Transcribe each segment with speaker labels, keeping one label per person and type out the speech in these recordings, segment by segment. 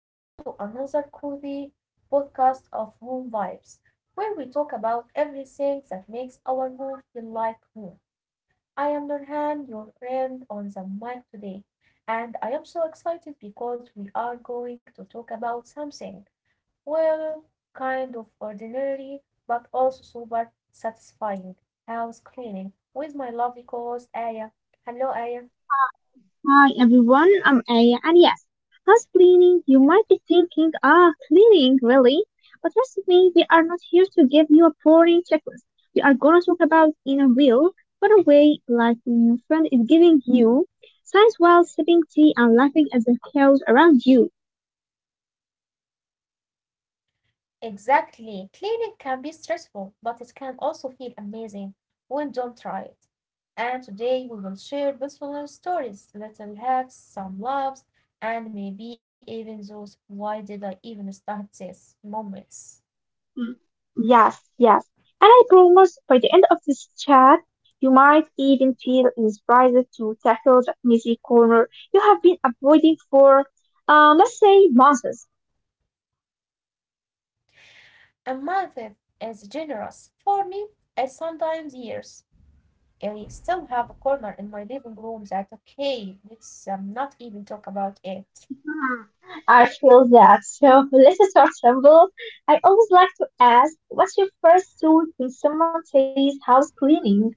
Speaker 1: welcome to another cozy podcast of Home Vibes, where we talk about everything that makes our home feel like home. I am Nurhan, your friend on the mic today, and I am so excited because we are going to talk about something, well, kind of ordinary, but also super satisfying house cleaning with my lovely co
Speaker 2: Mm,
Speaker 1: host Aya. Hello, Aya.
Speaker 2: Hi, hi everyone, I'm Aya, and yes, house cleaning, you might be thinking, ah, cleaning, really? But trust me, we are not here to give you a boring checklist. We are gonna talk about in a real, but a way like when your friend is giving you signs while sipping tea and laughing at the chaos around you.
Speaker 1: Exactly. Cleaning can be stressful, but it can also feel amazing when done right. And today we will share personal stories, little hacks, some loves, and maybe even those why did I even start this moments.
Speaker 2: Mm, Yes, yes. And I promise by the end of this chat, you might even feel inspired to tackle that messy corner you have been avoiding for, let's say, months.
Speaker 1: A month is generous. For me, it's sometimes years. I still have a corner in my living room that okay, let's not even talk about it.
Speaker 2: Hmm, I feel that. So let's start simple. I always like to ask, what's your first tool when someone says house cleaning?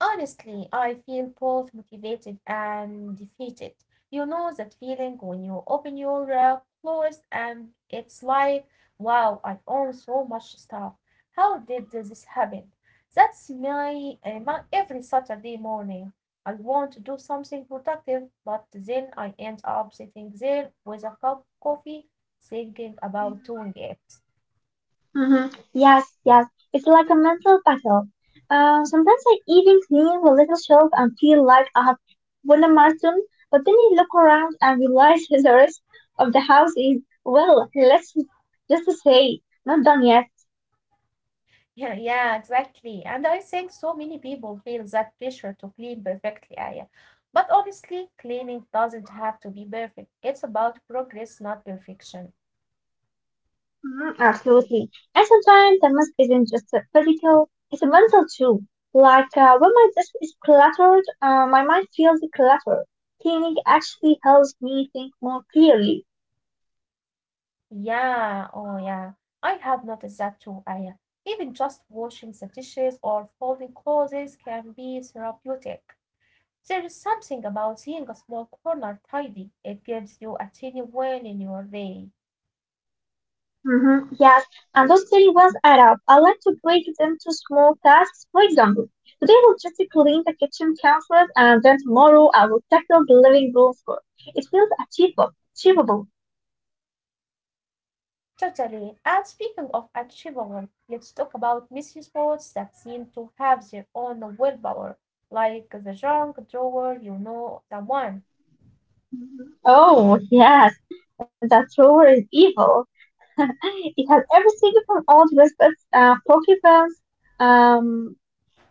Speaker 1: Honestly, I feel both motivated and defeated. You know that feeling when you open your clothes and it's like, wow, I own so much stuff. How did this happen? That's my every Saturday morning. I want to do something productive, but then I end up sitting there with a cup of coffee thinking about doing it.
Speaker 2: Hmm, yes, yes. It's like a mental battle. Sometimes I even clean the little shelf and feel like I have won a marathon, but then you look around and realize the rest of the house is, well, let's just to say, not done yet.
Speaker 1: Yeah, yeah, exactly. And I think so many people feel that pressure to clean perfectly, Aya. But honestly, cleaning doesn't have to be perfect. It's about progress, not perfection.
Speaker 2: Mhm, absolutely. And sometimes the mess isn't just a physical, it's a mental too. Like when my desk is cluttered, my mind feels cluttered. Cleaning actually helps me think more clearly.
Speaker 1: Yeah, oh yeah. I have noticed that too, Aya. Even just washing the dishes or folding clothes can be therapeutic. There is something about seeing a small corner tidy. It gives you a tiny win in your day.
Speaker 2: Hmm, yes, and those tiny ones add up. I like to break it into small tasks. For example, today I will just clean the kitchen counters, and then tomorrow I will tackle the living room floor. It feels achievable. Achievable.
Speaker 1: Totally. And speaking of achievable, let's talk about messy sports that seem to have their own willpower, like the junk drawer, you know, the one.
Speaker 2: Mhm. Oh yes, that drawer is evil. It has everything from old recipes, pokemons, um,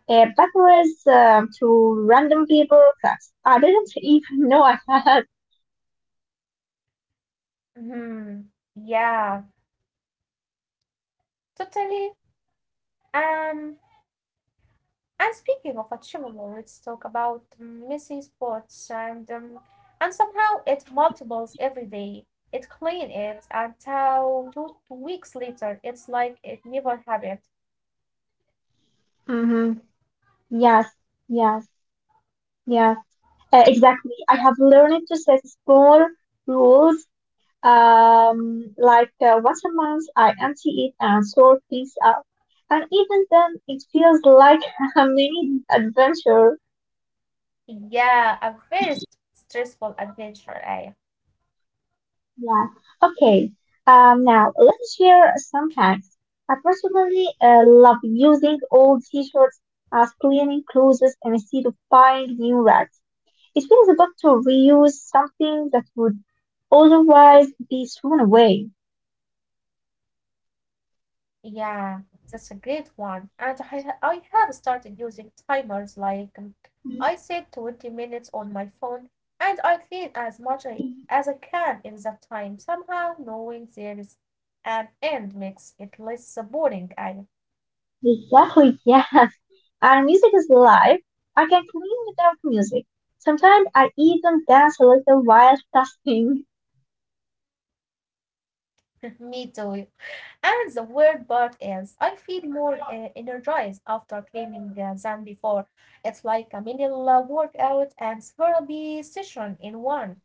Speaker 2: batteries, to random paper cuts. I didn't even know I had.
Speaker 1: Hmm. Yeah, totally. Um, and speaking of achievable, let's talk about messy sports and and somehow it multiples every day. It clean it until two weeks later. It's like it never happened.
Speaker 2: Hmm, yes, yes, yes. Exactly. I have learned to set small rules, like once a month I empty it and sort things out. And even then, it feels like a mini adventure.
Speaker 1: Yeah, a very stressful adventure, I.
Speaker 2: Yeah. Okay. Now let's share some hacks. I personally love using old t-shirts as cleaning clothes instead of buying new rags. It feels good to reuse something that would otherwise be thrown away.
Speaker 1: Yeah, that's a great one. And I have started using timers like, I set 20 minutes on my phone and I clean as as I can in that time. Somehow knowing there is an end makes it less boring. I
Speaker 2: Exactly, yes. And music is life. I can clean without music. Sometimes I even dance a little while tasking.
Speaker 1: me too. And the weird part is I feel more energized after cleaning than before. It's like a mini workout and therapy session in one.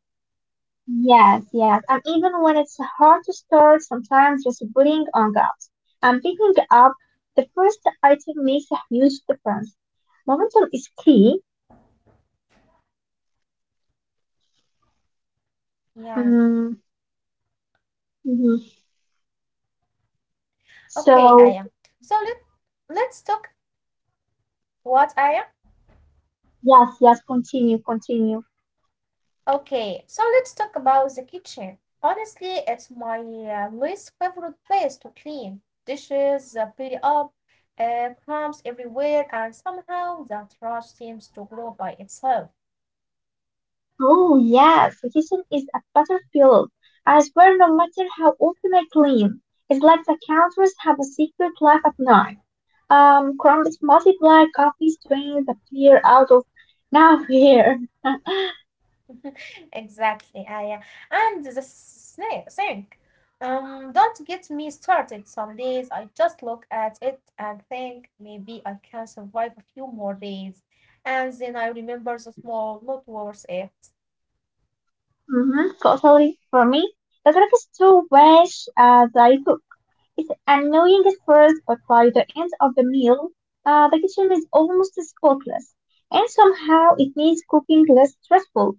Speaker 2: Yes, yes. And even when it's hard to start, sometimes just putting on gloves and picking up the first item makes a huge difference. Momentum is key.
Speaker 1: Yeah.
Speaker 2: Mm-hmm.
Speaker 1: Okay, Aya.
Speaker 2: So,
Speaker 1: So let let's talk what Aya?
Speaker 2: yes, yes, continue, continue.
Speaker 1: Okay, so let's talk about the kitchen. Honestly, it's my least favorite place to clean. Dishes pile up, crumbs everywhere, and somehow the trash seems to grow by itself.
Speaker 2: Oh, yes, the kitchen is a battlefield. I swear, no matter how often I clean, it's like the counters have a secret life at night. Crumbs multiply, coffee stains appear out of nowhere.
Speaker 1: Exactly, Aya. And the snake sink. Don't get me started. Some days I just look at it and think maybe I can survive a few more days. And then I remember the small, not worth it.
Speaker 2: Mm-hmm, totally. For me, the trick is to wash as I cook. It's annoying at first, but by the end of the meal, the kitchen is almost spotless. And somehow it makes cooking less stressful.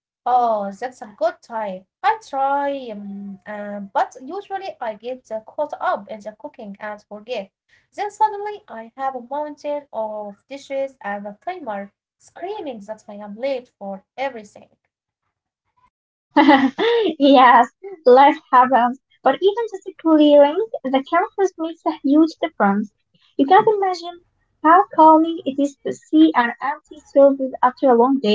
Speaker 1: Oh, that's a good time. I try, but usually I get caught up in the cooking and forget. Then suddenly I have a mountain of dishes and a timer screaming that I am late for everything.
Speaker 2: Yes, life happens, but even just a clearing the campus makes a huge difference. You can't imagine how calming it is to see an empty surface after a long day.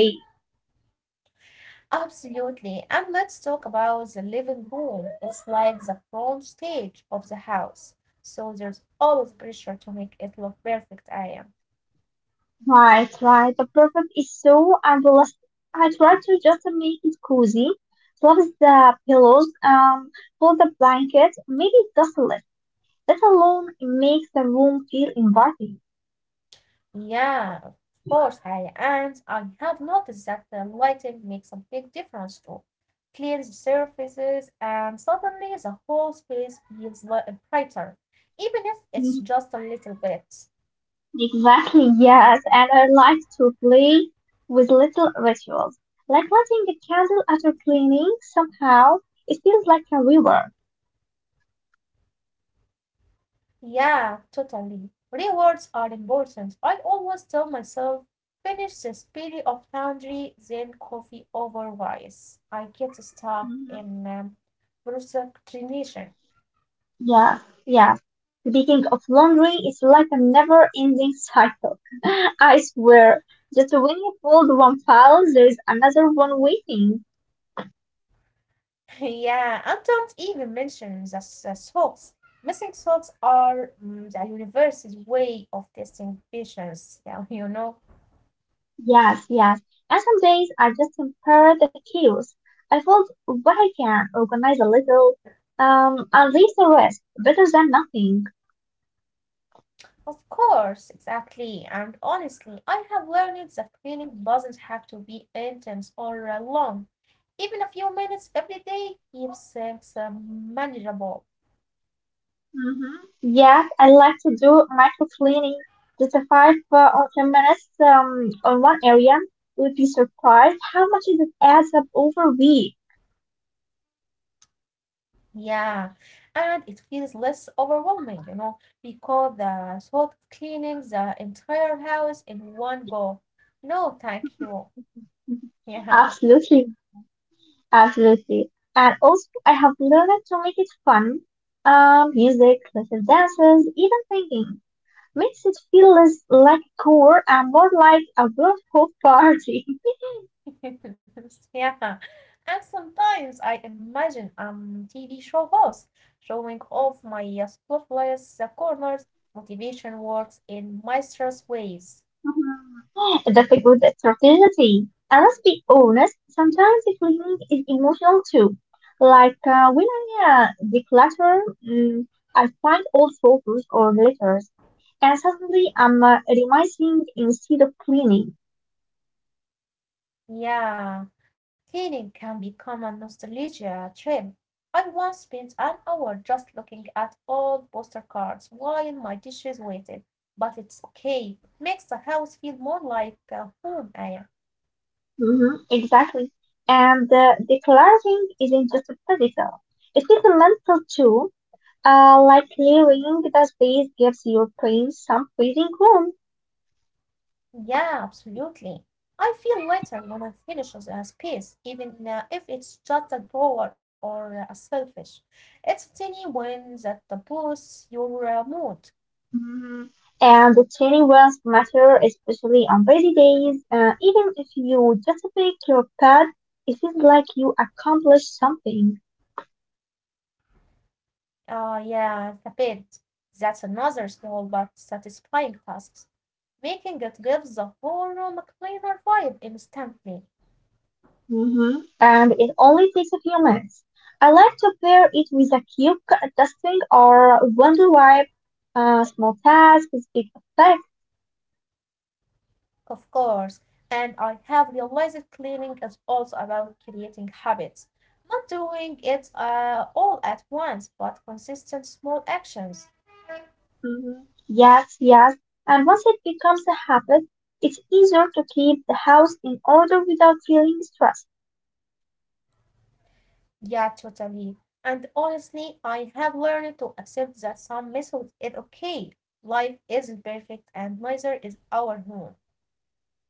Speaker 1: Absolutely. And let's talk about the living room. It's like the front stage of the house. So there's always pressure to make it look perfect, I am.
Speaker 2: Right, right. The perfect is so unrealistic. I try to just make it cozy, flop the pillows, fold the blanket, maybe dust a little. That alone makes the room feel inviting.
Speaker 1: Yeah, of course, I and I have noticed that the lighting makes a big difference too. Cleans the surfaces and suddenly the whole space feels brighter, even if it's
Speaker 2: Mm-hmm.
Speaker 1: just a little bit.
Speaker 2: Exactly, yes, and I like to play with little rituals, like lighting a candle after cleaning. Somehow, it feels like a reward.
Speaker 1: Yeah, totally. Rewards are important. I always tell myself, finish the spirit of laundry, then coffee over rice. I get stuck
Speaker 2: Mhm.
Speaker 1: in procrastination.
Speaker 2: Yes, yes. Speaking of laundry, it's like a never-ending cycle. I swear, just when you fold one file, there is another one waiting.
Speaker 1: Yeah, and don't even mention the socks. Missing socks are mm, the universe's way of testing patience. Yeah, you know.
Speaker 2: Yes, yes. And some days I just compare the chaos. I fold what I can, organize a little, and leave the rest. Better than nothing.
Speaker 1: Of course, exactly. And honestly, I have learned that cleaning doesn't have to be intense or long. Even a few minutes every day keeps things manageable.
Speaker 2: Mhm. Yes, I like to do micro cleaning. Just a five or 10 minutes on one area. You'd be surprised how much it adds up over a week.
Speaker 1: Yeah, and it feels less overwhelming, you know, because the thought of cleaning the entire house in one go. No, thank you.
Speaker 2: Mhm.
Speaker 1: Yeah.
Speaker 2: Absolutely, absolutely. And also, I have learned to make it fun. Music, little dances, even singing makes it feel less like a chore and more like a world of party.
Speaker 1: Yeah. And sometimes I imagine I'm TV show host showing off my spotless corners. Motivation works in mysterious ways.
Speaker 2: Mhm. That's a good strategy. And let's be honest, sometimes cleaning is emotional too. Like when I uh, declutter, mm, I find old photos or letters, and suddenly I'm revising instead of cleaning.
Speaker 1: Yeah. Cleaning can become a nostalgia trip. I once spent an hour just looking at old poster cards while my dishes waited. But it's okay. It makes the house feel more like home, Aya.
Speaker 2: Hmm, exactly. And decluttering isn't just physical; it is mental too. Like clearing the space gives your brain some breathing room.
Speaker 1: Yeah, absolutely. I feel lighter when I finish a space, even if it's just a drawer or a selfish. It's a tiny win that boosts your mood.
Speaker 2: Mhm. And the tiny ones matter, especially on busy days. Even if you just pick your pet, it feels like you accomplished something.
Speaker 1: Ah, yeah, the bed. That's another small but satisfying task. Making it gives the whole room a cleaner vibe instantly.
Speaker 2: Hmm. And it only takes a few minutes. I like to pair it with a cute dusting or wonder wipe. Small tasks with big effect.
Speaker 1: Of course, and I have realized cleaning is also about creating habits, not doing it all at once, but consistent small actions.
Speaker 2: Hmm, yes, yes. And once it becomes a habit, it's easier to keep the house in order without feeling stressed.
Speaker 1: Yeah, totally. And honestly, I have learned to accept that some method is okay. Life isn't perfect, and neither is our home.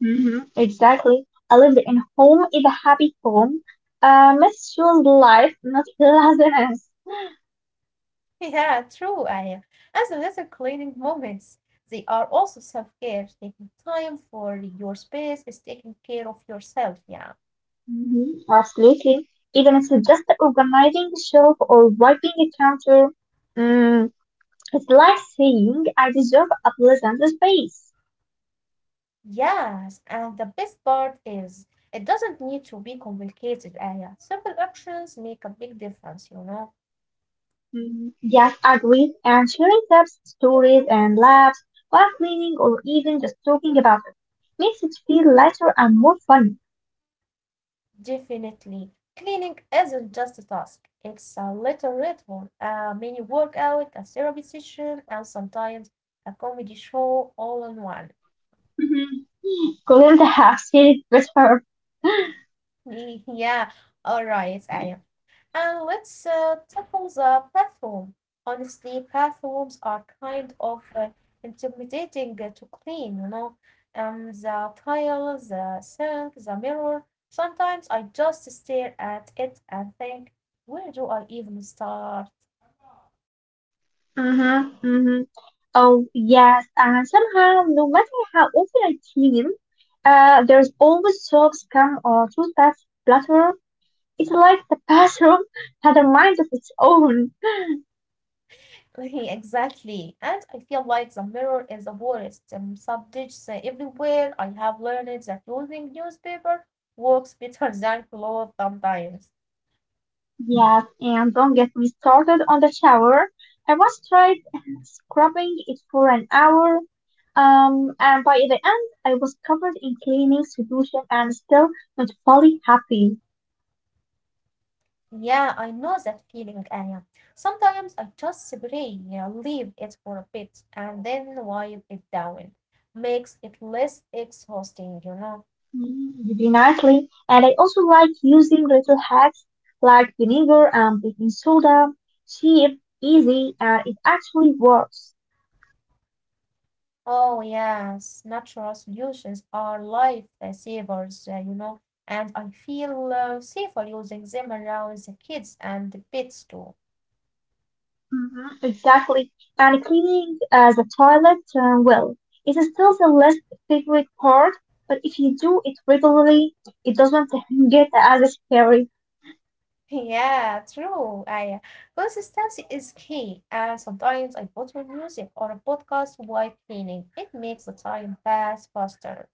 Speaker 2: Hmm, exactly. A lived in home is a happy home, a meaningful life, not laziness.
Speaker 1: Yeah, true, Aya. As the little cleaning moments, they are also self care, taking time for your space is taking care of yourself. Yeah.
Speaker 2: Hmm. Absolutely. Even if it's just organizing the shelf or wiping the counter, mm, it's like saying I deserve a pleasant space.
Speaker 1: Yes, and the best part is it doesn't need to be complicated, Aya. Simple actions make a big difference, you know.
Speaker 2: Hmm, yes, agree. And sharing tips, stories, and laughs while cleaning or even just talking about it makes it feel lighter and more fun.
Speaker 1: Definitely. Cleaning isn't just a task, it's a little ritual, a mini workout, a therapy session, and sometimes a comedy show all in one.
Speaker 2: Hmm. Clean the house, it's better.
Speaker 1: Yeah, all right, Aya. And let's tackle the platform. Honestly, platforms are kind of intimidating to clean, you know. The tile, the sink, the mirror. Sometimes I just stare at it and think, where do I even start?
Speaker 2: Mm-hmm, mm-hmm. Oh, yes, and somehow, no matter how often I clean, there's always soap, scum, or toothpaste splatter. It's like the bathroom had a mind of its own.
Speaker 1: Exactly. And I feel like the mirror is the worst. Subjects everywhere. I have learned that using newspaper works better than clothes sometimes.
Speaker 2: Yes, and don't get me started on the shower. I once tried scrubbing it for an hour, and by the end, I was covered in cleaning solution and still not fully happy.
Speaker 1: Yeah, I know that feeling, Aya. Sometimes I just spray, yeah, leave it for a bit, and then wipe it down. Makes it less exhausting, you know.
Speaker 2: Mm, very nicely. And I also like using little hacks like vinegar and baking soda. Cheap, easy, and it actually works.
Speaker 1: Oh, yes, natural solutions are life savers, you know, and I feel safer using them around the kids and the pets too.
Speaker 2: Hmm, exactly. And cleaning the toilet, well, it is still the least favorite part, but if you do it regularly, it doesn't get as scary.
Speaker 1: Yeah, true. I consistency is key, and sometimes I put on music or a podcast while cleaning. It makes the time pass faster.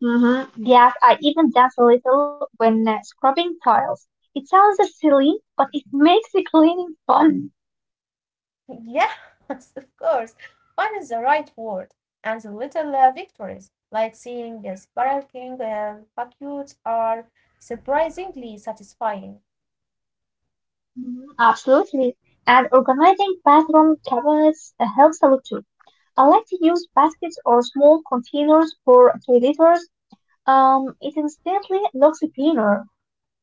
Speaker 2: Hmm, yes, I even dance a little when scrubbing tiles. It sounds silly, but it makes the cleaning fun.
Speaker 1: Yes, of course. Fun is the right word, and the little victories, like seeing a sparkling vacuums, are surprisingly satisfying.
Speaker 2: Mhm, absolutely. And organizing bathroom cabinets helps a lot too. I like to use baskets or small containers for toiletries. It instantly looks cleaner,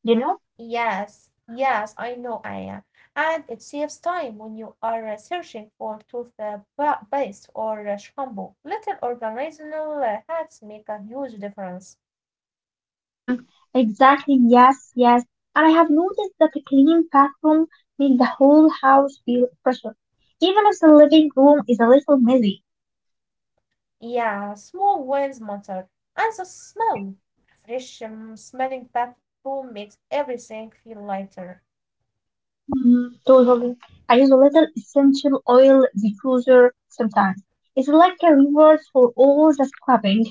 Speaker 2: you know?
Speaker 1: Yes, yes, I know, Aya. And it saves time when you are searching for toothpaste or shampoo. Little organizational hacks make a huge difference.
Speaker 2: Mm-hmm. Exactly. Yes, yes. And I have noticed that a clean bathroom makes the whole house feel fresher, even if the living room is a little messy.
Speaker 1: Yeah, small ones matter. And the smell, a fresh smelling bathroom makes everything feel lighter.
Speaker 2: Mm, totally. I use a little essential oil diffuser sometimes. It's like a reward for all the scrubbing.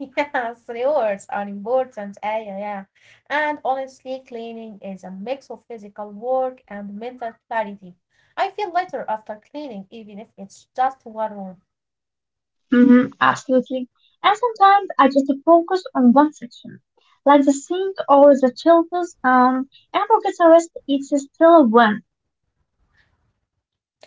Speaker 1: Yes, rewards are important. Yeah, yeah, yeah. And honestly, cleaning is a mix of physical work and mental clarity. I feel lighter after cleaning, even if it's just one room.
Speaker 2: Hmm, absolutely. And sometimes I just focus on one section, like the sink or the children's, and forget the rest. It's still a win.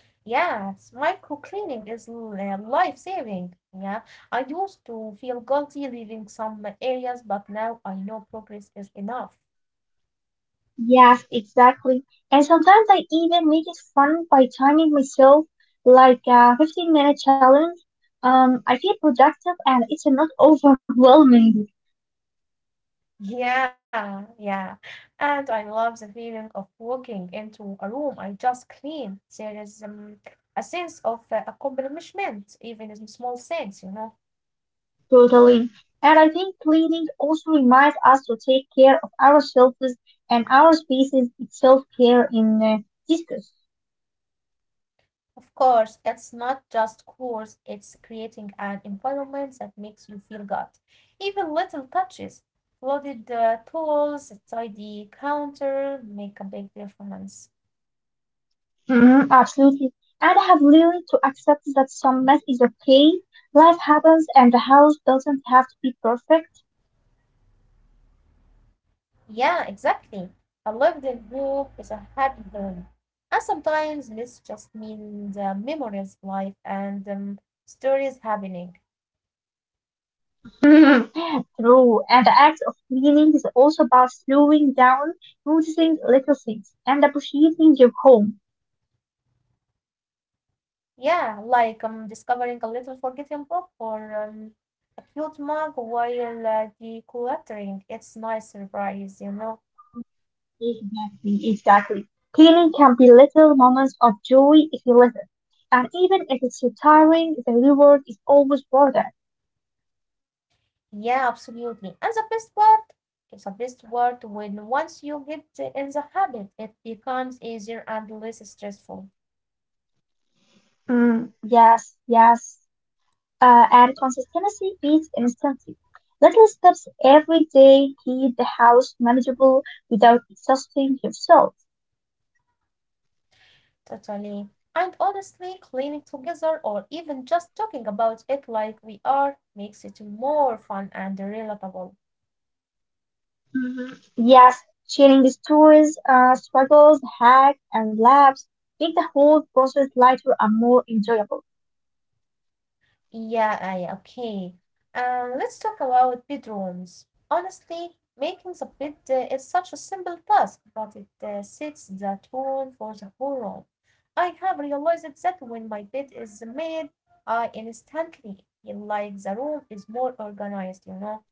Speaker 1: Yes, micro cleaning is life saving. Yeah, I used to feel guilty leaving some areas, but now I know progress is enough.
Speaker 2: Yes, exactly. And sometimes I even make it fun by timing myself, like a 15-minute challenge. I feel productive and it's not overwhelming.
Speaker 1: Yeah, yeah. And I love the feeling of walking into a room I just cleaned. There is a sense of accomplishment, even in small things, you know.
Speaker 2: Totally. And I think cleaning also reminds us to take care of ourselves and our spaces. It's self-care in discuss.
Speaker 1: Of course, it's not just chores, it's creating an environment that makes you feel good. Even little touches, loaded tools, a tidy counter make a big difference.
Speaker 2: Mhm, absolutely. And I have learned to accept that some mess is okay. Life happens and the house doesn't have to be perfect.
Speaker 1: Yeah, exactly. A lived in hope is a happy home. And sometimes this just means memories, life, and stories happening.
Speaker 2: True. And the act of cleaning is also about slowing down, noticing little things, and appreciating your home.
Speaker 1: Yeah, like discovering a little forgotten book or a cute mug while decluttering. It's nice surprise, you know.
Speaker 2: Exactly, exactly. Cleaning can be little moments of joy if you listen. And even if it's so tiring, the reward is always worth it.
Speaker 1: Yeah, absolutely. And the best part when once you get in the habit, it becomes easier and less stressful.
Speaker 2: Mm, yes, yes. And consistency beats instantly. Little steps every day keep the house manageable without exhausting yourself.
Speaker 1: Totally. And honestly, cleaning together or even just talking about it like we are makes it more fun and relatable.
Speaker 2: Mhm. Yes, sharing the stories, struggles, hacks, and laughs make the whole process lighter and more enjoyable.
Speaker 1: Yeah, I okay. Let's talk about bedrooms. Honestly, making the bed is such a simple task, but it sets the tone for the whole room. I have realized that when my bed is made, I instantly feel like the room is more organized, you know.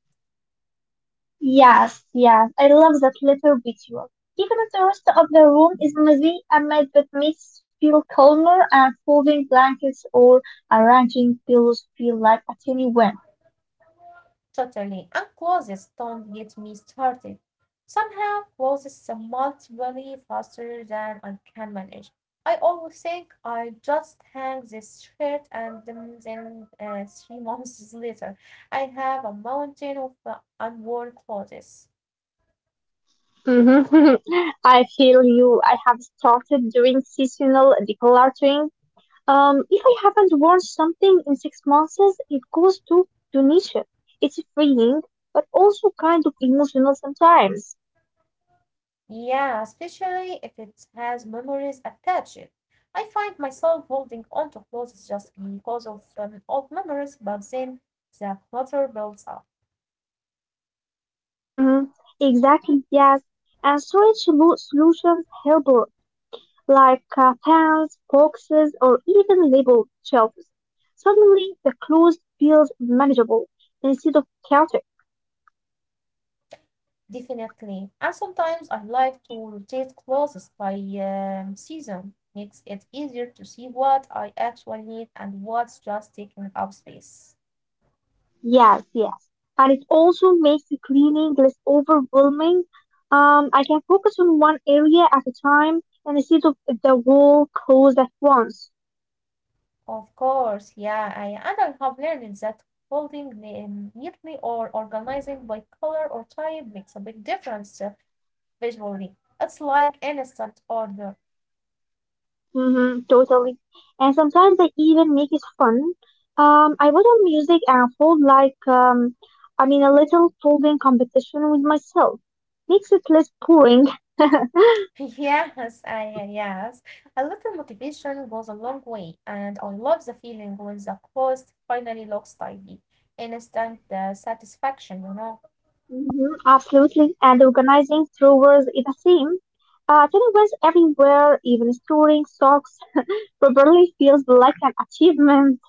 Speaker 2: Yes, yes, I love that little ritual. Even if the rest of the room is messy, I made that makes feel calmer and folding blankets or arranging pillows feel like a tiny win.
Speaker 1: Totally. And clothes don't get me started. Somehow clothes are multiply faster than I can manage. I always think I just hang this shirt and then three months later I have a mountain of unworn clothes.
Speaker 2: Mhm. I feel you. I have started doing seasonal decluttering. If I haven't worn something in 6 months, it goes to donation. It's freeing, but also kind of emotional sometimes.
Speaker 1: Yeah, especially if it has memories attached. I find myself holding onto clothes just because of old memories, but then the clutter builds up.
Speaker 2: Mm-hmm. Exactly, yes. And storage solutions help, like pans, boxes, or even labeled shelves. Suddenly, the clothes feels manageable instead of chaotic.
Speaker 1: Definitely. And sometimes I like to rotate clothes by season. Makes it easier to see what I actually need and what's just taking up space.
Speaker 2: Yes, yes. And it also makes the cleaning less overwhelming. I can focus on one area at a time instead of the whole clothes at once.
Speaker 1: Of course, yeah, and I have learned that holding neatly or organizing by color or type makes a big difference visually. It's like instant order.
Speaker 2: Mm-hmm, totally. And sometimes they even make it fun. I put on music and hold like, a little folding competition with myself. Makes it less boring.
Speaker 1: Yes. A little motivation goes a long way, and I love the feeling when the post finally looks tidy. Instant satisfaction, you know.
Speaker 2: Mm-hmm, absolutely. And organizing throwers is the same. Tiny ones everywhere, even storing socks properly feels like an achievement.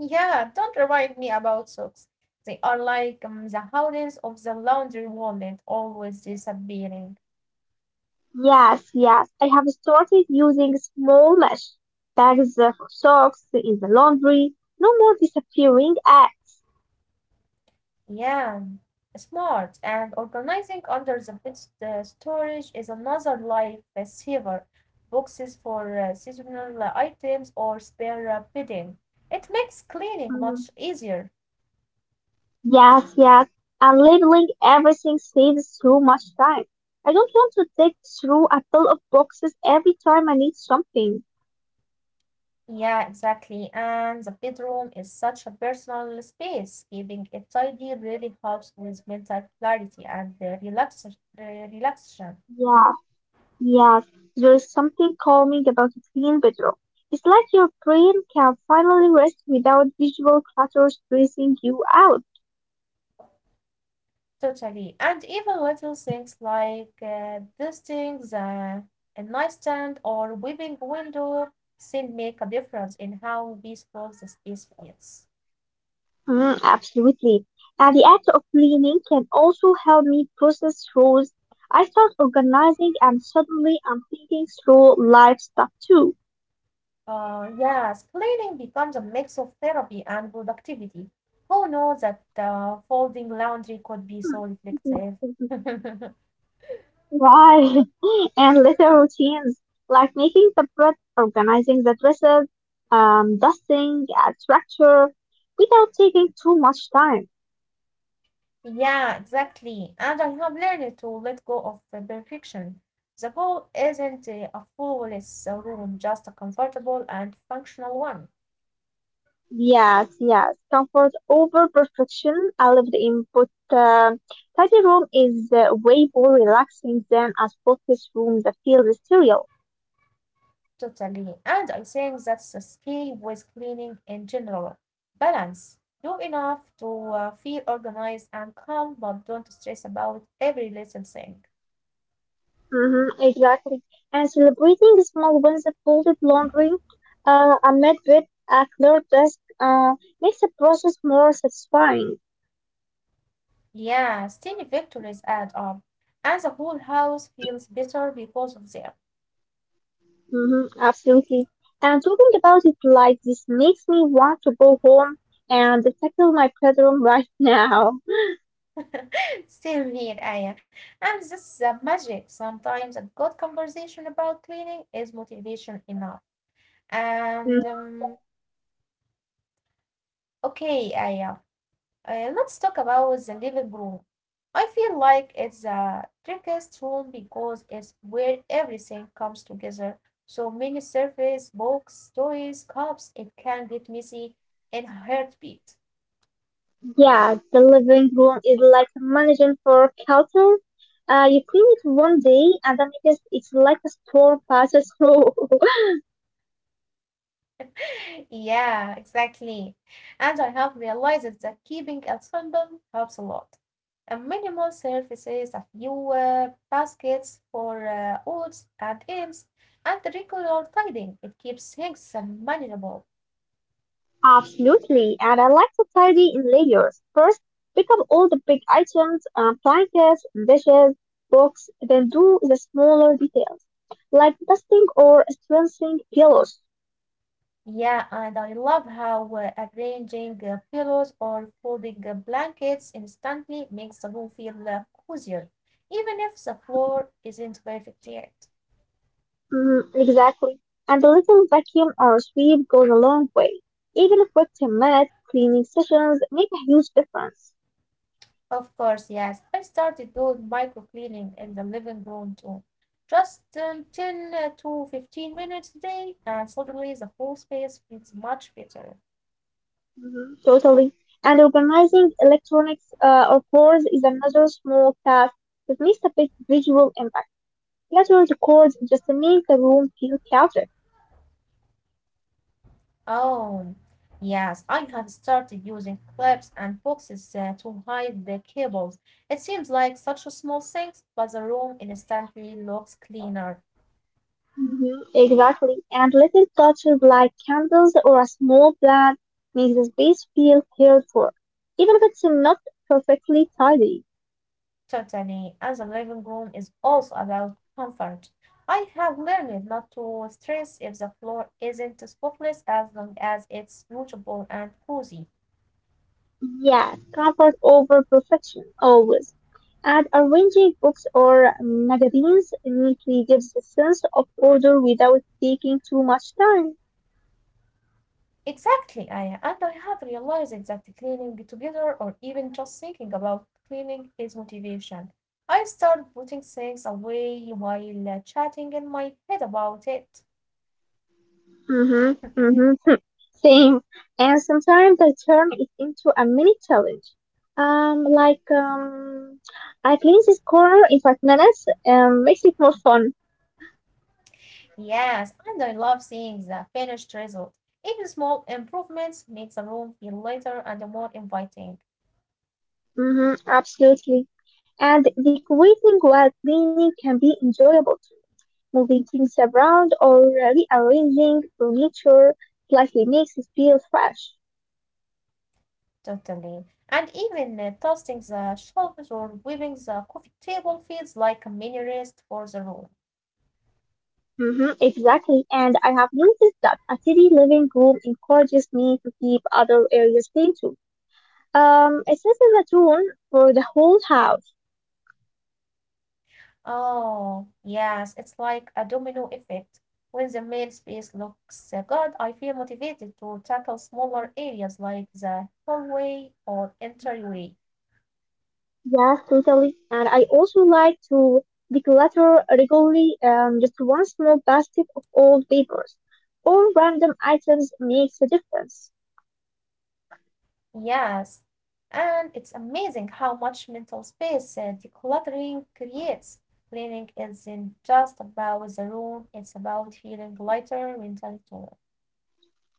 Speaker 1: Yeah, don't remind me about socks. They are like the holdings of the laundry wallet, always disappearing.
Speaker 2: Yes, yes. I have started using small mesh bags for socks in the laundry. No more disappearing.
Speaker 1: Yeah, smart. And organizing under the heads the storage is another life saver. Boxes for seasonal items or spare bedding. It makes cleaning much
Speaker 2: Mm,
Speaker 1: easier.
Speaker 2: yes, yes. And labeling everything saves so much time. I don't want to dig through a pile of boxes every time I need something.
Speaker 1: Yeah, exactly. And the bedroom is such a personal space. Keeping it tidy really helps with mental clarity and relaxation.
Speaker 2: Yeah, yes. There is something calming about a clean bedroom. It's like your brain can finally rest without visual clutter stressing you out.
Speaker 1: Totally. And even little things like dusting the a nightstand or weaving window still make a difference in how peaceful the space feels.
Speaker 2: Mm, absolutely. And the act of cleaning can also help me process thoughts. I start organizing and suddenly I'm thinking through life stuff too.
Speaker 1: Yes, cleaning becomes a mix of therapy and productivity. Who knows that folding laundry could be so reflective?
Speaker 2: Why? And little routines like making the bread, organizing the dresses, dusting, add structure without taking too much time.
Speaker 1: Yeah, exactly. And I have learned to let go of the perfection. The goal isn't a flawless room, just a comfortable and functional one.
Speaker 2: Yes, yes. Comfort over perfection. I lived in, but tidy room is way more relaxing than a spotless room that feels sterile.
Speaker 1: Totally. And I think that's the key with cleaning in general. Balance. Do enough to feel organized and calm, but don't stress about every little thing.
Speaker 2: Mm-hmm, exactly. And celebrating the small wins of folded laundry amid with a clear desk makes the process more satisfying.
Speaker 1: Yeah, tiny victories add up, and the whole house feels better because of them.
Speaker 2: Mm-hmm, absolutely. And talking about it like this makes me want to go home and tackle my bedroom right now.
Speaker 1: Same here, Aya. And this is the magic. Sometimes a good conversation about cleaning is motivation enough. And
Speaker 2: Mm-hmm,
Speaker 1: Okay, Aya, let's talk about the living room. I feel like it's the trickiest room because it's where everything comes together. So many surfaces, books, toys, cups, it can get messy in a heartbeat.
Speaker 2: yeah, the living room is like a managing for culture. You clean it one day and then it's like a storm passes through.
Speaker 1: Yeah, exactly. And I have realized that keeping it simple helps a lot. A minimal surfaces, a few baskets for odds and ends, and regular tidying. It keeps things manageable.
Speaker 2: Absolutely, and I like to tidy in layers. First, pick up all the big items, blankets, dishes, books, then do the smaller details, like dusting or strengthening pillows.
Speaker 1: Yeah, and I love how arranging pillows or folding blankets instantly makes the room feel cozier, even if the
Speaker 2: Mhm,
Speaker 1: floor isn't perfect yet.
Speaker 2: mhm, exactly. And a little vacuum or sweep goes a long way. Even a quick 10-minute minute cleaning sessions make a huge difference.
Speaker 1: Of course, yes. I started doing micro cleaning in the living room too. Just 10 to 15 minutes a day, and suddenly the whole space feels much better.
Speaker 2: Mhm, totally. And organizing electronics or cores is another small task that makes a big visual impact. Cluttered chords just make the room feel chaotic.
Speaker 1: Oh, yes, I have started using clips and boxes to hide the cables. It seems like such a small thing, but the room instantly looks cleaner.
Speaker 2: Mhm. Exactly. And little touches like candles or a small plant make the space feel cared for, even if it's not perfectly tidy.
Speaker 1: Totally. And the living room is also about comfort. I have learned not to stress if the floor isn't spotless as long as it's usable and cozy.
Speaker 2: Yes, comfort over perfection, always. And arranging books or magazines neatly gives a sense of order without taking too much time.
Speaker 1: Exactly, Aya. And I have realized that cleaning together or even just thinking about cleaning is motivation. I start putting things away while chatting in my head about it.
Speaker 2: Mhm, mhm, same. And sometimes I turn it into a mini challenge. Like, I clean this corner in 5 minutes. Makes it more fun.
Speaker 1: Yes, and I love seeing the finished result. Even small improvements make the room feel lighter and more inviting.
Speaker 2: Mhm, absolutely. And decorating while cleaning can be enjoyable too. Moving things around or rearranging furniture slightly makes it feel fresh.
Speaker 1: Totally. And even dusting the shelves or wiping the coffee table feels like a mini rest for the room.
Speaker 2: Mhm, exactly. And I have noticed that a city living room encourages me to keep other areas clean too. It sets the tone for the whole house.
Speaker 1: Oh, yes, it's like a domino effect. When the main space looks good, I feel motivated to tackle smaller areas like the hallway or
Speaker 2: Mhm.
Speaker 1: entryway.
Speaker 2: Yes, totally. And I also like to declutter regularly, just one small basket of old papers. All random items makes a difference.
Speaker 1: Yes, and it's amazing how much mental space decluttering creates. Cleaning isn't just about the room, it's about feeling
Speaker 2: Mhm.
Speaker 1: lighter mentally too.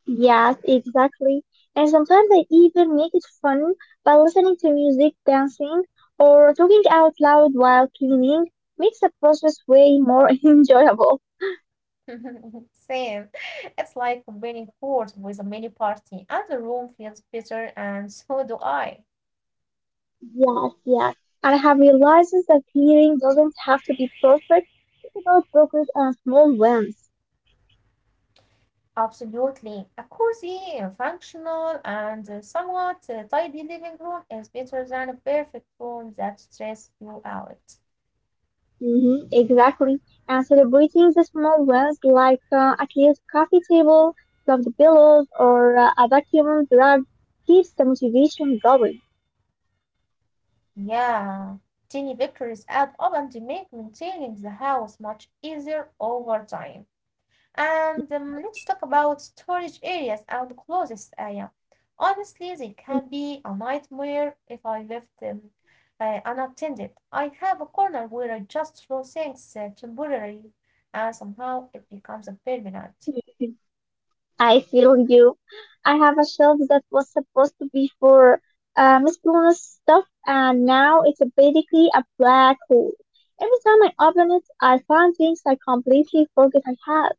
Speaker 2: Yes, exactly. And sometimes I even make it fun by listening to music, dancing, or talking out loud while cleaning makes the process way more enjoyable.
Speaker 1: Same. It's like winning court with a mini party, and the room feels better, and so do I.
Speaker 2: Yes, yes. And I have realized that healing doesn't have to be perfect. It's about progress and small wins.
Speaker 1: Absolutely. A cozy, functional, and somewhat tidy living room is better than a perfect room that stresses you out.
Speaker 2: Hmm, exactly. And celebrating the small wins, like a clean coffee table, the pillows, or a vacuum rug, keeps the motivation going.
Speaker 1: Yeah. Tiny victories add up and they make maintaining the house much easier over time. And Let's talk about storage areas and closest area. Honestly, they can
Speaker 2: Hmm.
Speaker 1: be a nightmare if I left them unattended. I have a corner where I just throw things temporarily, and somehow it becomes a permanent.
Speaker 2: I feel you. I have a shelf that was supposed to be for miscellaneous stuff, and now it's a basically a black hole. Every time I open it, I find things I completely forget I had.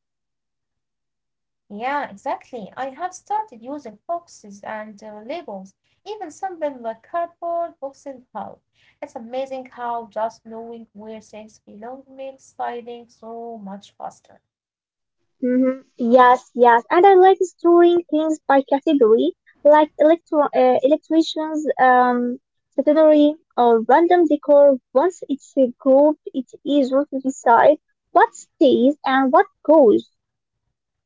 Speaker 1: Yeah, exactly. I have started using boxes and labels, even something like cardboard boxes help. It's amazing how just knowing where things belong makes sliding so much faster.
Speaker 2: Hmm. Yes, yes, and I like storing things by category, like electro electricians, stationery, or random decor. Once it's grouped, it is easier to decide what stays and what goes.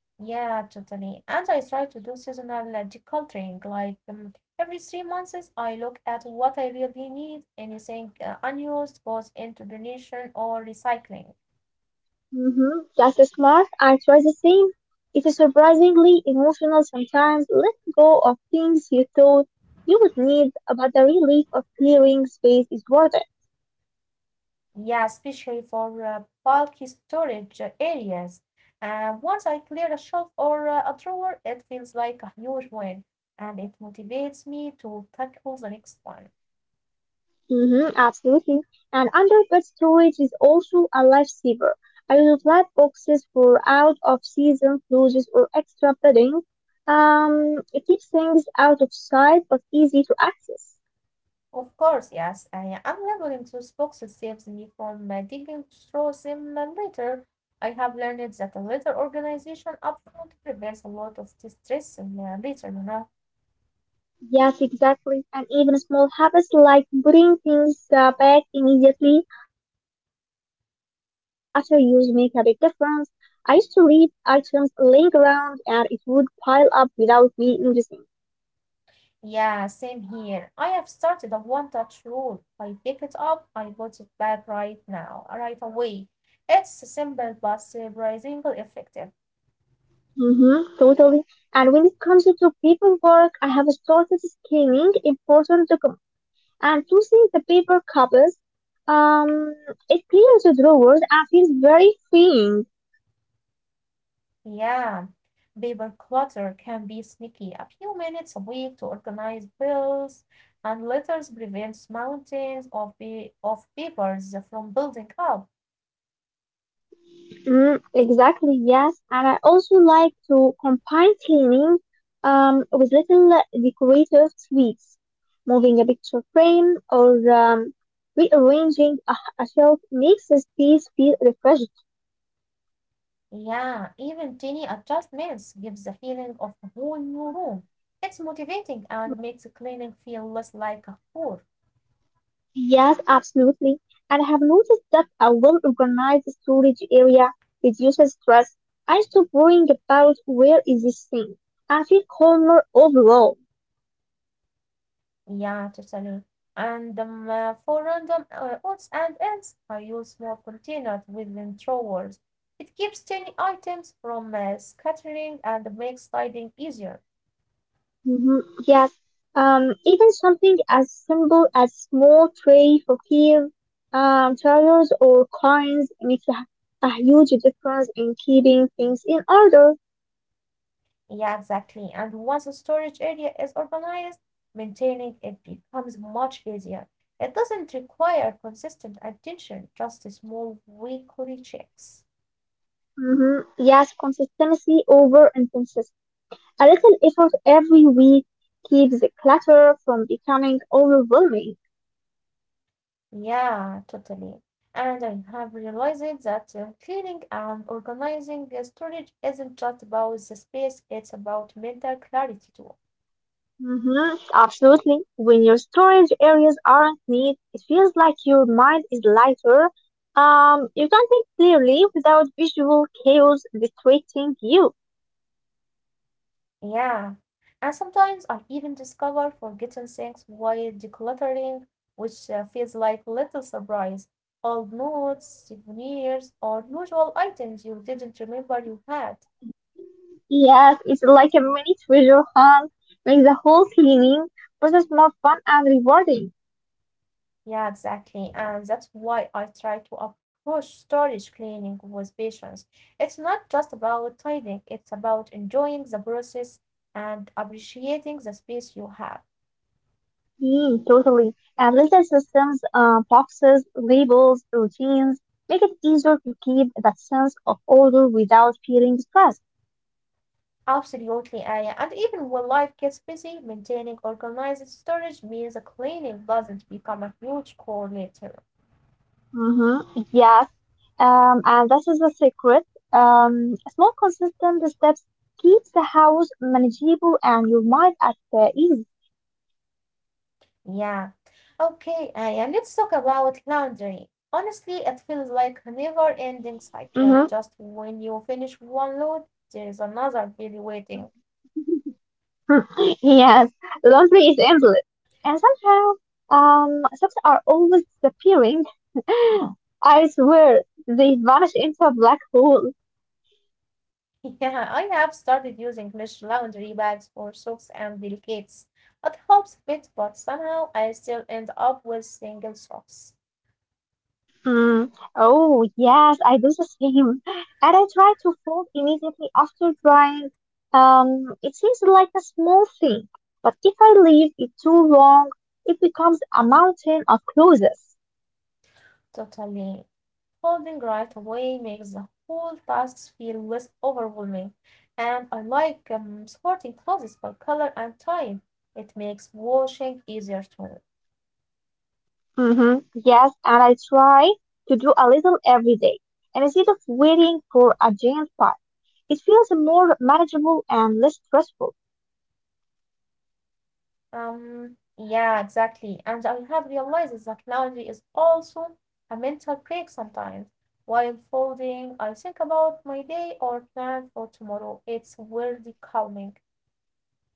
Speaker 1: Yeah, totally. And I try to do seasonal decluttering. Like every 3 months, I look at what I really need. Anything unused goes into donation or recycling.
Speaker 2: Mhm, just as smart, I try the same. It's surprisingly emotional sometimes. Letting go of things you thought you would need, but the relief of clearing space is worth it.
Speaker 1: Yeah, especially for bulky storage areas. Once I clear a shelf or a drawer, it feels like a huge win, and it motivates me to tackle the next one.
Speaker 2: Hmm, absolutely. And underbed storage is also a lifesaver. I use flat boxes for out of season clothes or extra bedding. It keeps things out of sight but easy to access.
Speaker 1: Of course, yes. I am labeling those boxes saves me from digging through them later. I have learned that a little organization upfront prevents a lot of distress later,
Speaker 2: Yes, exactly. And even small habits like putting things back immediately after use make a big difference. I used to leave items laying around and it would pile up without me noticing.
Speaker 1: Yeah, same here. I have started a one-touch rule. I pick it up, I put it back right now, right away. It's simple but surprisingly effective.
Speaker 2: Mm-hmm, totally. And when it comes to paperwork, I have started scanning important documents and choosing the paper copies. Um, it clears the drawers and feels very freeing.
Speaker 1: Yeah. Paper clutter can be sneaky. A few minutes a week to organize bills and letters prevents mountains of papers from building up.
Speaker 2: Mm, exactly, yes. And I also like to combine cleaning with little decorative tweaks, moving a picture frame or rearranging a shelf makes the space feel refreshed.
Speaker 1: Yeah, even tiny adjustments gives a feeling of a whole new room. It's motivating and
Speaker 2: Mhm.
Speaker 1: makes cleaning feel less like a chore.
Speaker 2: Yes, absolutely. And I have noticed that a well organized storage area reduces stress. I stop worrying about where is this thing and feel calmer overall.
Speaker 1: Yeah, totally. And the for random odds and ends, I use small containers within drawers. It keeps tiny items from scattering and makes sliding easier.
Speaker 2: Mhm. Yes. Even something as simple as small tray for keys, towels or coins makes a huge difference in keeping things in order.
Speaker 1: Yeah, exactly. And once the storage area is organized, maintaining it becomes much easier. It doesn't require consistent attention, just small weekly checks.
Speaker 2: Hmm, yes, consistency over emphasis. A little effort every week keeps the clutter from becoming overwhelming.
Speaker 1: Yeah, totally. And I have realized that cleaning and organizing the storage isn't just about the space, it's about mental clarity too.
Speaker 2: Mhm, absolutely. When your storage areas aren't neat, it feels like your mind is lighter. You can think clearly without visual chaos distracting you.
Speaker 1: Yeah. And sometimes I even discover forgotten things while decluttering, which feels like little surprise. Old notes, souvenirs, or unusual items you didn't remember you had.
Speaker 2: Mhm. Yes, it's like a mini treasure hunt, makes the whole cleaning process more fun and rewarding.
Speaker 1: Yeah, exactly. And that's why I try to approach storage cleaning with patience. It's not just about tidying, it's about enjoying the process and appreciating the space you have.
Speaker 2: Mm, totally. And little systems, boxes, labels, routines make it easier to keep that sense of order without feeling stressed.
Speaker 1: Absolutely, Aya. And even when life gets busy, maintaining organized storage means the cleaning doesn't become a huge chore later.
Speaker 2: Mm-hmm. Yes. And that is the secret. Small, consistent steps keeps the house manageable and your mind at ease.
Speaker 1: Yeah. Okay, Aya, let's talk about laundry. Honestly, it feels like a
Speaker 2: Mm-hmm.
Speaker 1: never-ending cycle. Just when you finish one load, there is another really waiting.
Speaker 2: Yes, laundry is endless. And somehow, socks are always disappearing. I swear, they vanish into a black hole.
Speaker 1: Yeah, I have started using mesh laundry bags for socks and delicates. It helps a bit, but somehow I still end up with single socks.
Speaker 2: Mm, oh, yes, I do the same. And I try to fold immediately after drying. It seems like a small thing, but if I leave it too long, it becomes a mountain of clothes.
Speaker 1: Totally. Folding right away makes the whole task feel less overwhelming, and I like sorting clothes by color and type. It makes washing easier too.
Speaker 2: Mm-hmm. Yes, and I try to do a little every day. And instead of waiting for a giant pile, it feels more manageable and less stressful.
Speaker 1: Yeah, exactly. And I have realized that laundry is also a mental break sometimes. While folding, I think about my day or plan for tomorrow. It's weirdly calming.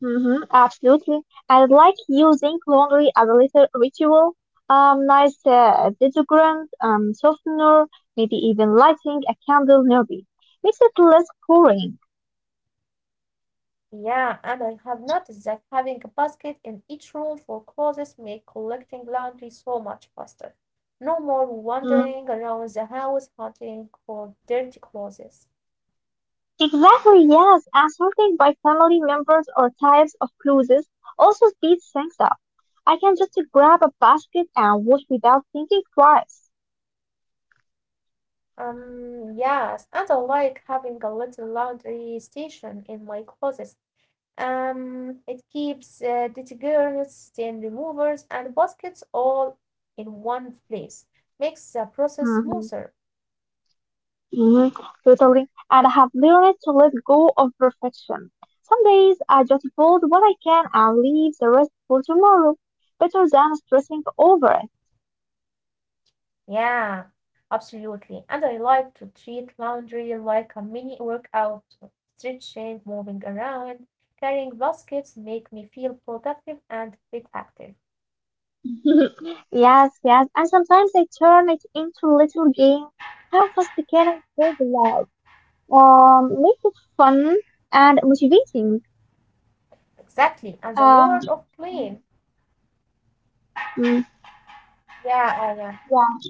Speaker 2: Mm-hmm, absolutely. I like using laundry as a little ritual, nice deodorant, softener, maybe even lighting a candle nearby makes it less boring.
Speaker 1: Yeah, and I have noticed that having a basket in each room for clothes make collecting laundry so much faster. No more
Speaker 2: Mm,
Speaker 1: wandering around the house hunting for dirty clothes.
Speaker 2: exactly, yes. And sorting by family members or types of clothes also speeds things up. I can just grab a basket and wash without thinking twice.
Speaker 1: Yes, and I like having a little laundry station in my closet. It keeps detergents, stain removers, and baskets all in one place. Makes the process
Speaker 2: Mm-hmm.
Speaker 1: smoother.
Speaker 2: Mhm, totally. And I have learned to let go of perfection. Some days I just build what I can and leave the rest for tomorrow, better than stressing over it.
Speaker 1: Yeah, absolutely. And I like to treat laundry like a mini workout. Stretching, moving around, carrying baskets make me feel productive and bit active.
Speaker 2: Yes, yes. And sometimes I turn it into a little game. How fast can I go live? Make it fun and motivating.
Speaker 1: Exactly. And the
Speaker 2: Um,
Speaker 1: reward of clean.
Speaker 2: mm,
Speaker 1: Yeah, yeah, yeah.
Speaker 2: yeah.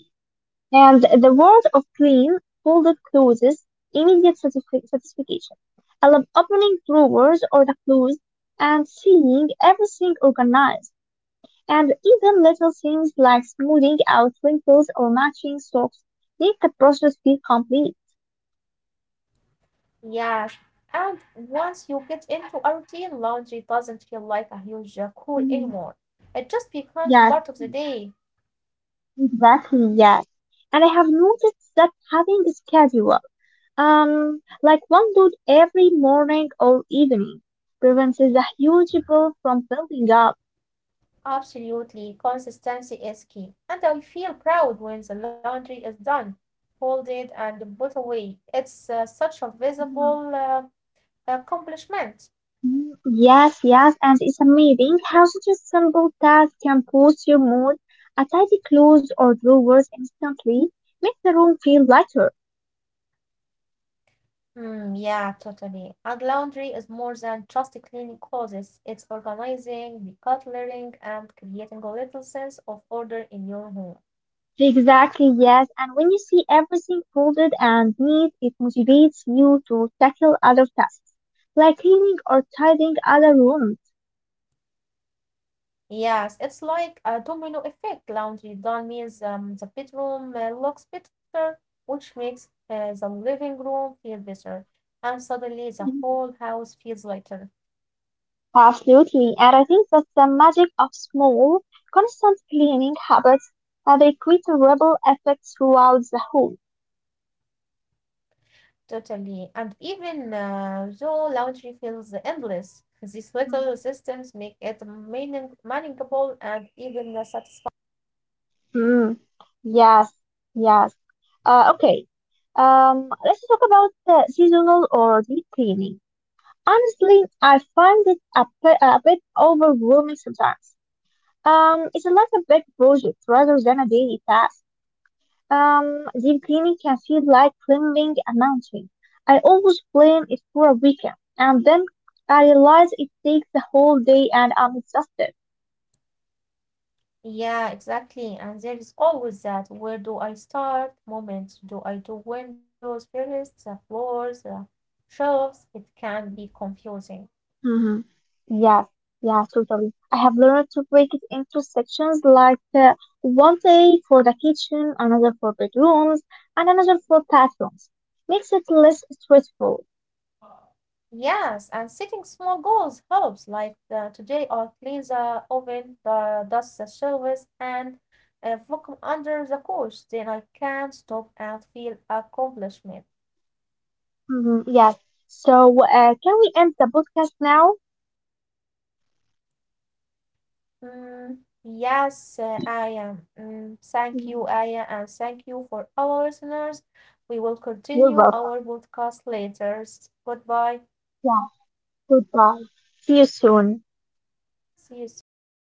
Speaker 2: And the world of clean, folded clothes, immediate satisfaction. I love opening drawers or the clothes and seeing everything organized. And even little things like smoothing out wrinkles or matching socks make the process feel complete.
Speaker 1: Yes. And once you get into a routine, laundry doesn't feel like a huge chore
Speaker 2: Mhm.
Speaker 1: anymore. It just becomes
Speaker 2: Yes,
Speaker 1: part of the day.
Speaker 2: exactly, yes. And I have noticed that having a schedule, like one dude every morning or evening, prevents the huge bill from building up.
Speaker 1: Absolutely, consistency is key. And I feel proud when the laundry is done, folded, and put away. It's such a visible accomplishment.
Speaker 2: Mm, yes, yes, and it's amazing how such a simple task can boost your mood. A tidy clothes or drawers instantly makes the room feel lighter.
Speaker 1: Mm, yeah, totally. And laundry is more than just cleaning clothes, it's organizing, decluttering, and creating a little sense of order in your home.
Speaker 2: Exactly, yes, and when you see everything folded and neat, it motivates you to tackle other tasks, like cleaning or tidying other rooms.
Speaker 1: Yes, it's like a domino effect. Laundry done means the bedroom looks better, which makes the living room feel better. And suddenly the whole
Speaker 2: Mhm.
Speaker 1: house feels lighter,
Speaker 2: Absolutely, and I think that's the magic of small, constant cleaning habits, and they create a ripple effect throughout the home.
Speaker 1: totally. And even though laundry feels endless, these little systems make it meaning manageable and even satisfying.
Speaker 2: Mm, yes, yes. Okay. Let's talk about seasonal or deep cleaning. Honestly, I find it a bit overwhelming sometimes. It's like a big project rather than a daily task. Deep cleaning can feel like climbing a mountain. I always plan it for a weekend, and then I realize it takes the whole day and I'm exhausted.
Speaker 1: Yeah, exactly. And there is always that where do I start moment. Do I do windows first, the floors, the shelves? It can be confusing.
Speaker 2: Mm-hmm. Yes, yes, totally. I have learned to break it into sections like one day for the kitchen, another for bedrooms, and another for bathrooms. Makes it less stressful.
Speaker 1: Yes, and setting small goals helps, like the, today I'll clean the oven, the dust the shelves, and vacuum under the couch. Then I can stop and feel accomplishment.
Speaker 2: Mm-hmm. Yes. So, can we end the podcast now?
Speaker 1: Mm, yes, Aya. Mm, thank you,
Speaker 2: Mm,
Speaker 1: Aya, and thank you for our listeners. We will
Speaker 2: you're
Speaker 1: continue
Speaker 2: welcome.
Speaker 1: our podcast later. Goodbye.
Speaker 2: Yeah. Goodbye. See you soon.
Speaker 1: See you soon, Aya.